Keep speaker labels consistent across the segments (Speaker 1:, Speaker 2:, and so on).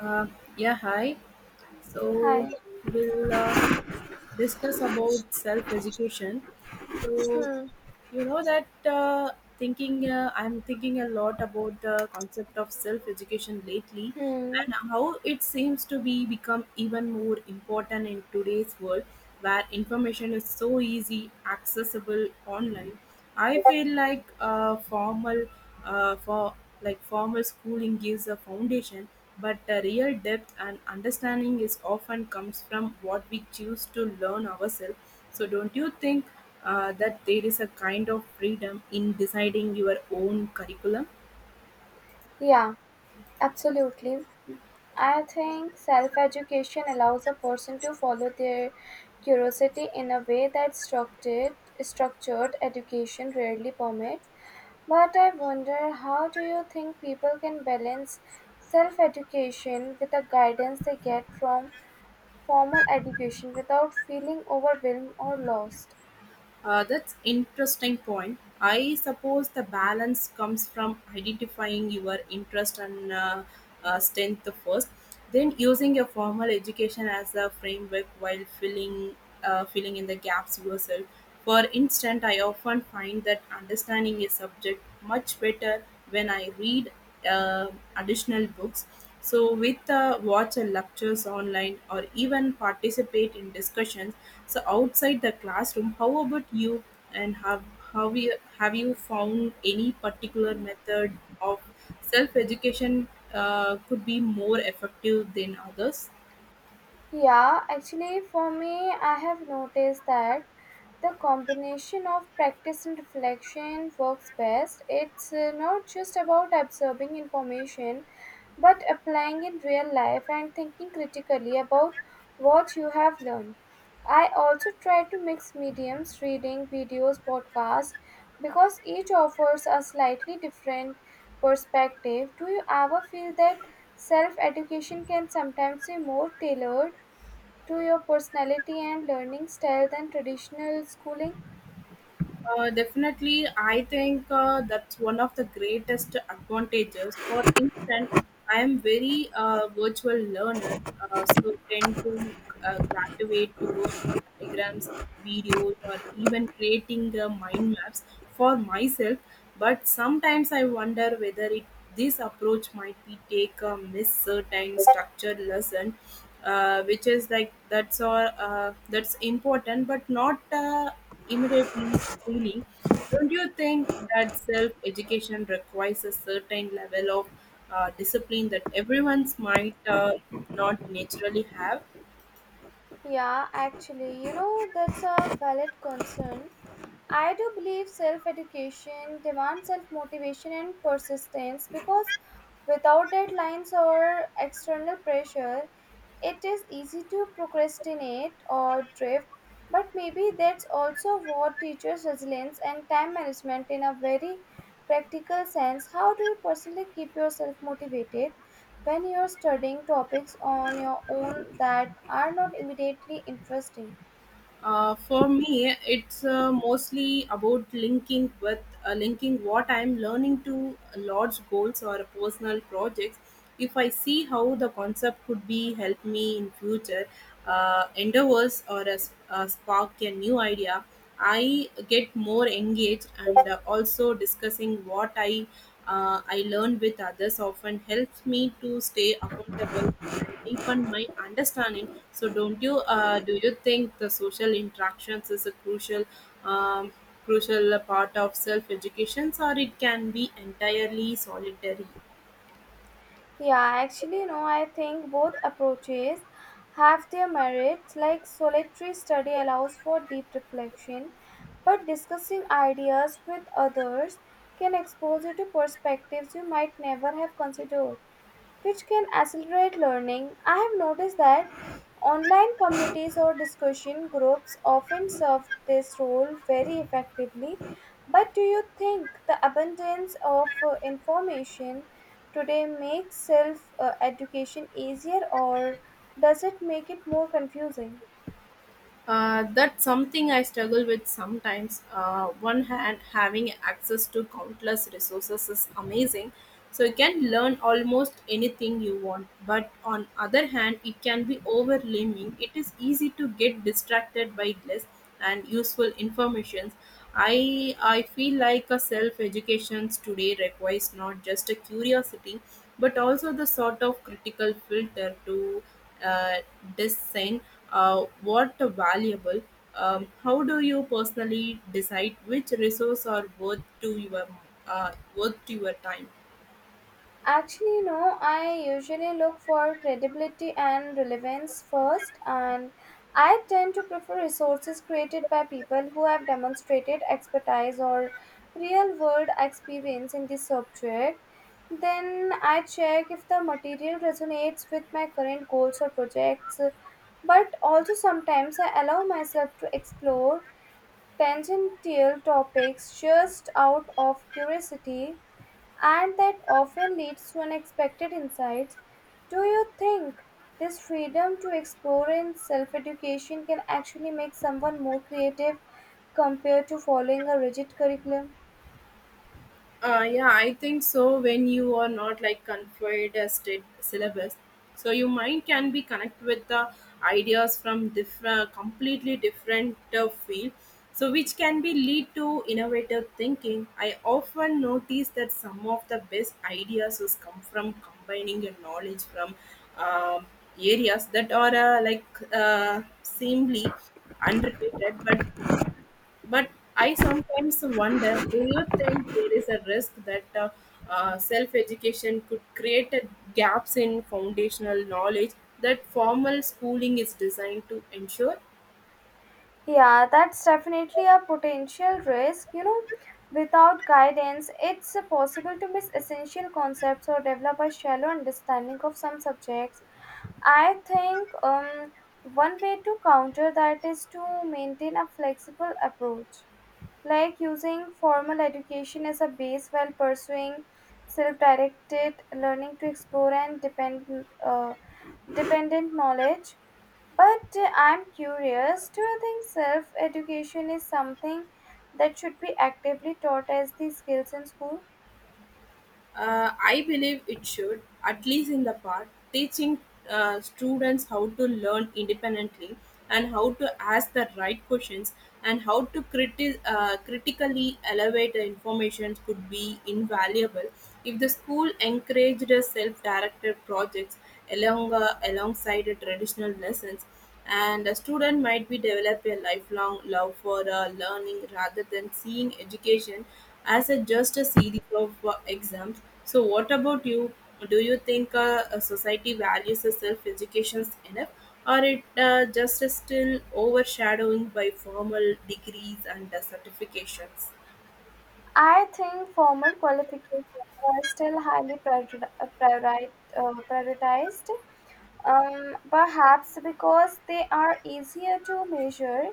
Speaker 1: Uh, yeah, hi. So
Speaker 2: Hi.
Speaker 1: we'll discuss about self-education. So
Speaker 2: Hmm.
Speaker 1: you know that thinking I'm thinking a lot about the concept of self education lately,
Speaker 2: Hmm.
Speaker 1: and how it seems to be become even more important in today's world where information is so easy accessible online. I feel like formal for like formal schooling gives a foundation, but the real depth and understanding is often comes from what we choose to learn ourselves. So, don't you think that there is a kind of freedom in deciding your own curriculum?
Speaker 2: Yeah, absolutely. I think self education allows a person to follow their curiosity in a way that structured education rarely permits. But I wonder, how do you think people can balance self education with the guidance they get from formal education without feeling overwhelmed or lost?
Speaker 1: That's interesting point. I suppose the balance comes from identifying your interest and strength first, then using your formal education as a framework while filling in the gaps yourself. For instance, I often find that understanding a subject much better when I read uh, additional books. So, with watch lectures online or even participate in discussions. So, outside the classroom, how about you? And have you found any particular method of self education could be more effective than others?
Speaker 2: Yeah, actually, for me, I have noticed that the combination of practice and reflection works best. It's not just about absorbing information, but applying in real life and thinking critically about what you have learned. I also try to mix mediums, reading, videos, podcasts, because each offers a slightly different perspective. Do you ever feel that self education can sometimes be more tailored to your personality and learning style than traditional schooling?
Speaker 1: Definitely, I think that's one of the greatest advantages. For instance, I am very virtual learner, so tend to gravitate towards the diagrams, videos, or even creating mind maps for myself. But sometimes I wonder whether this approach might be take a miss certain structured lesson, which is like that's all that's important, but not, immediately appealing. Don't you think that self education requires a certain level of discipline that everyone's might not naturally have?
Speaker 2: Yeah, actually, you know, that's a valid concern. I do believe self education demands self motivation and persistence because without deadlines or external pressure, it is easy to procrastinate or drift, but maybe that's also what teaches resilience and time management in a very practical sense. How do you personally keep yourself motivated when you're studying topics on your own that are not immediately interesting?
Speaker 1: For me, it's mostly about linking what I'm learning to large goals or personal projects. If I see how the concept could be help me in future endeavors or a spark a new idea, I get more engaged, and also discussing what I learn with others often helps me to stay accountable and deepen my understanding. So, don't you? Do you think the social interactions is a um, crucial part of self education, or it can be entirely solitary?
Speaker 2: Yeah, actually, no, I think both approaches have their merits. Like solitary study allows for deep reflection, but discussing ideas with others can expose you to perspectives you might never have considered, which can accelerate learning. I have noticed that online communities or discussion groups often serve this role very effectively. But do you think the abundance of information today makes self education easier, or does it make it more confusing?
Speaker 1: That's something I struggle with sometimes. One hand, having access to countless resources is amazing, so you can learn almost anything you want. But on other hand, it can be overwhelming. It is easy to get distracted by less and useful information. I feel like a self education today requires not just a curiosity, but also the sort of critical filter to uh, design what valuable. How do you personally decide which resource are worth to your uh, time?
Speaker 2: Actually, you know, I usually look for credibility and relevance first, and I tend to prefer resources created by people who have demonstrated expertise or real world experience in the subject. Then I check if the material resonates with my current goals or projects, but also sometimes I allow myself to explore tangential topics just out of curiosity, and that often leads to unexpected insights. Do you think this freedom to explore and self education can actually make someone more creative compared to following a rigid curriculum?
Speaker 1: Yeah, I think so. When you are not like confined as state syllabus, so your mind can be connected with the ideas from different, completely different field. So which can be lead to innovative thinking. I often notice that some of the best ideas is come from combining your knowledge from um areas that are like seemingly unrelated, but I sometimes wonder, do you think there is a risk that self education could create a gaps in foundational knowledge that formal schooling is designed to ensure?
Speaker 2: Yeah, that's definitely a potential risk. You know, without guidance, it's possible to miss essential concepts or develop a shallow understanding of some subjects. I think one way to counter that is to maintain a flexible approach, like using formal education as a base while pursuing self-directed learning to explore and depend, uh, dependent knowledge. But I'm curious, do you think self-education is something that should be actively taught as the skills in school?
Speaker 1: I believe it should, at least in the part, teaching students how to learn independently, and how to ask the right questions, and how to critically elevate the information could be invaluable. If the school encouraged self-directed projects alongside the traditional lessons, and a student might be develop a lifelong love for learning rather than seeing education as a just a series of exams. So what about you, do you think a society values the self education enough, or it just is still overshadowing by formal degrees and certifications?
Speaker 2: I think formal qualifications are still highly prioritized, perhaps because they are easier to measure.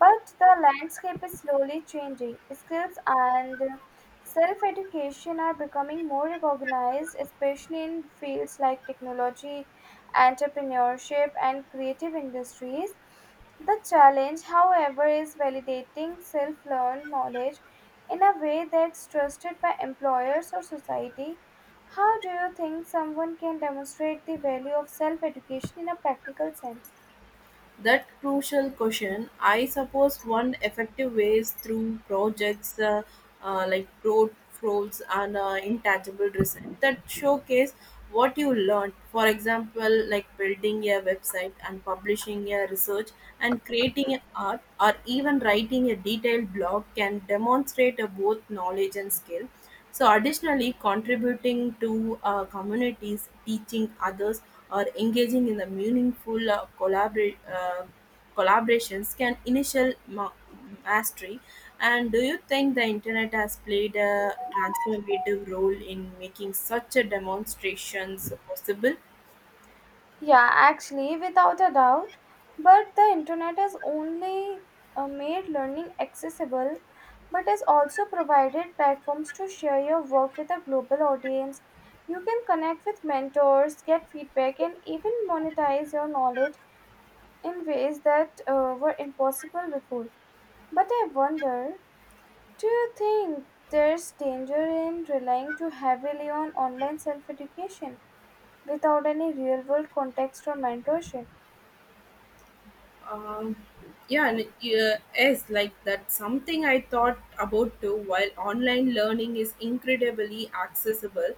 Speaker 2: But the landscape is slowly changing. Skills and self education are becoming more recognized, especially in fields like technology, entrepreneurship, and creative industries. The challenge, however, is validating self learned knowledge in a way that's trusted by employers or society. How do you think someone can demonstrate the value of self education in a practical sense?
Speaker 1: That crucial question. I suppose one effective way is through projects like portfolios and intangible research that showcase what you learned. For example, like building a website and publishing a research and creating art or even writing a detailed blog can demonstrate both knowledge and skill. So, additionally, contributing to communities, teaching others, or engaging in the meaningful collaborations can mastery. And do you think the internet has played a transformative role in making such a demonstrations possible?
Speaker 2: Yeah, actually, without a doubt. But the internet has only made learning accessible, but has also provided platforms to share your work with a global audience. You can connect with mentors, get feedback, and even monetize your knowledge in ways that were impossible before. But I wonder, do you think there's danger in relying too heavily on online self education without any real world context or mentorship?
Speaker 1: Um, yeah, yes, like that. Something I thought about too. While online learning is incredibly accessible,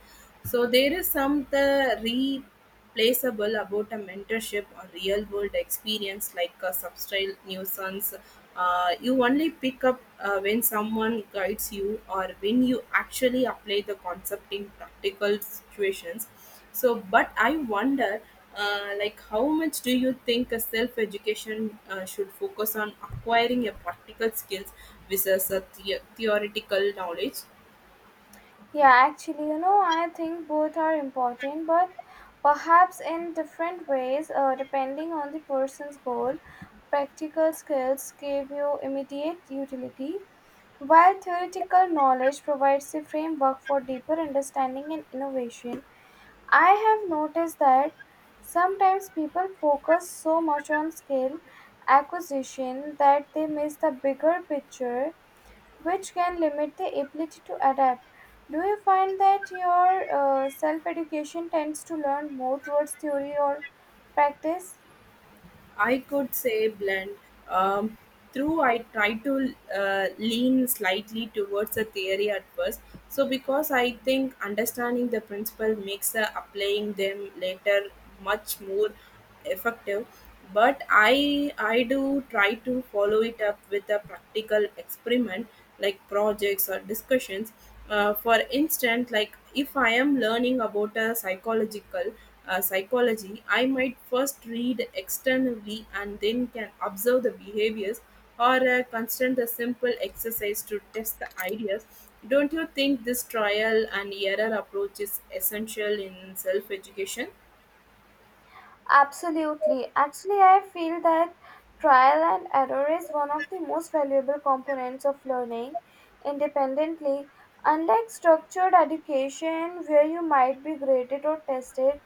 Speaker 1: so there is some the replaceable about a mentorship or real world experience like a substyle nuisance. You only pick up when someone guides you, or when you actually apply the concept in practical situations. So but I wonder like how much do you think a self education should focus on acquiring a practical skills versus a theoretical knowledge?
Speaker 2: Yeah, actually, you know, I think both are important, but perhaps in different ways, depending on the person's goal. Practical skills give you immediate utility, while theoretical knowledge provides a framework for deeper understanding and innovation. I have noticed that sometimes people focus so much on skill acquisition that they miss the bigger picture, which can limit the ability to adapt. Do you find that your self education tends to learn more towards theory or practice?
Speaker 1: I could say blend. Um, Through, I tried to lean slightly towards the theory at first. So, because I think understanding the principle makes applying them later much more effective. But I do try to follow it up with a practical experiment like projects or discussions. For instance, like if I am learning about a psychological psychology, I might first read externally and then can observe the behaviors, or constant a simple exercise to test the ideas. Don't you think this trial and error approach is essential in self education?
Speaker 2: Absolutely. Actually, I feel that trial and error is one of the most valuable components of learning independently. Unlike structured education, where you might be graded or tested,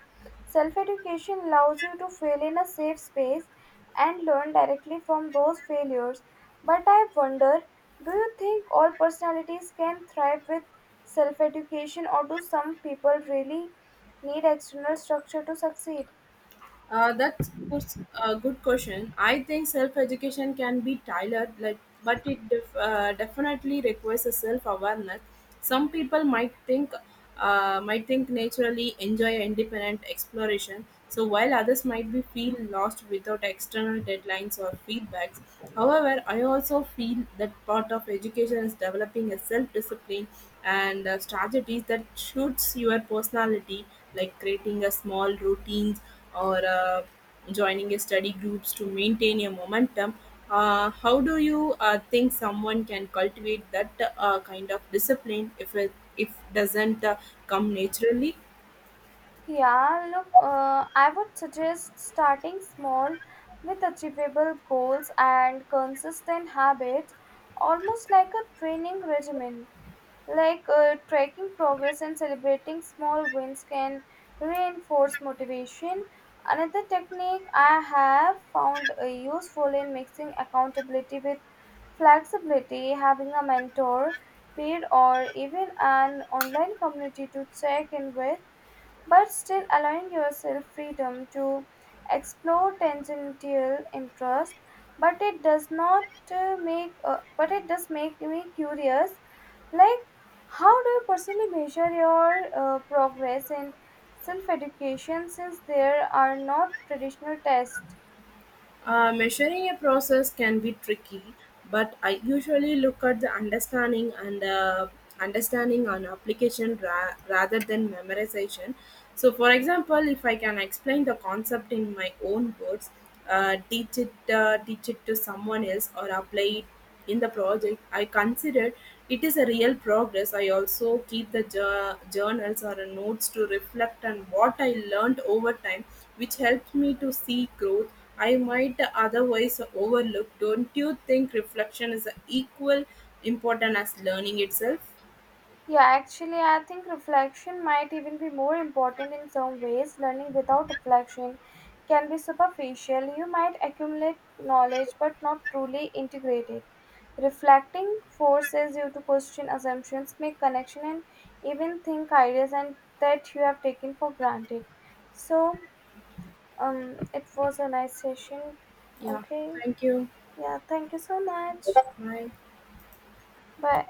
Speaker 2: self education allows you to fail in a safe space and learn directly from those failures. But I wonder, do you think all personalities can thrive with self education, or do some people really need external structure to succeed?
Speaker 1: That's puts a good question. I think self education can be tailored, like, but it definitely requires a self awareness. Some people might think naturally enjoy independent exploration, so while others might be feel lost without external deadlines or feedbacks. However, I also feel that part of education is developing a self discipline and strategies that suits your personality, like creating a small routines or joining a study groups to maintain a momentum. How do you think someone can cultivate that kind of discipline if doesn't come naturally?
Speaker 2: Yeah, look, I would suggest starting small with achievable goals and consistent habits, almost like a training regimen. Like, tracking progress and celebrating small wins can reinforce motivation. Another technique I have found useful in mixing accountability with flexibility, having a mentor, peer, or even an online community to check in with, but still allowing yourself freedom to explore tangential interests. But it does not make but it does make me curious, like, how do you personally measure your progress in self education since there are not traditional tests?
Speaker 1: Measuring a process can be tricky, but I usually look at the understanding on application rather than memorization. So, for example, if I can explain the concept in my own words, teach it to someone else, or apply it in the project, I consider it is a real progress. I also keep the journals or notes to reflect on what I learned over time, which helps me to see growth I might otherwise overlook. Don't you think reflection is equal important as learning itself?
Speaker 2: Yeah, actually, I think reflection might even be more important in some ways. Learning without reflection can be superficial. You might accumulate knowledge but not truly integrate it. Reflecting forces you to question assumptions, make connection, and even think ideas and that you have taken for granted. So, it was a nice session.
Speaker 1: Yeah,
Speaker 2: Okay.
Speaker 1: thank you.
Speaker 2: Yeah. Thank you so much.
Speaker 1: Hi.
Speaker 2: Bye.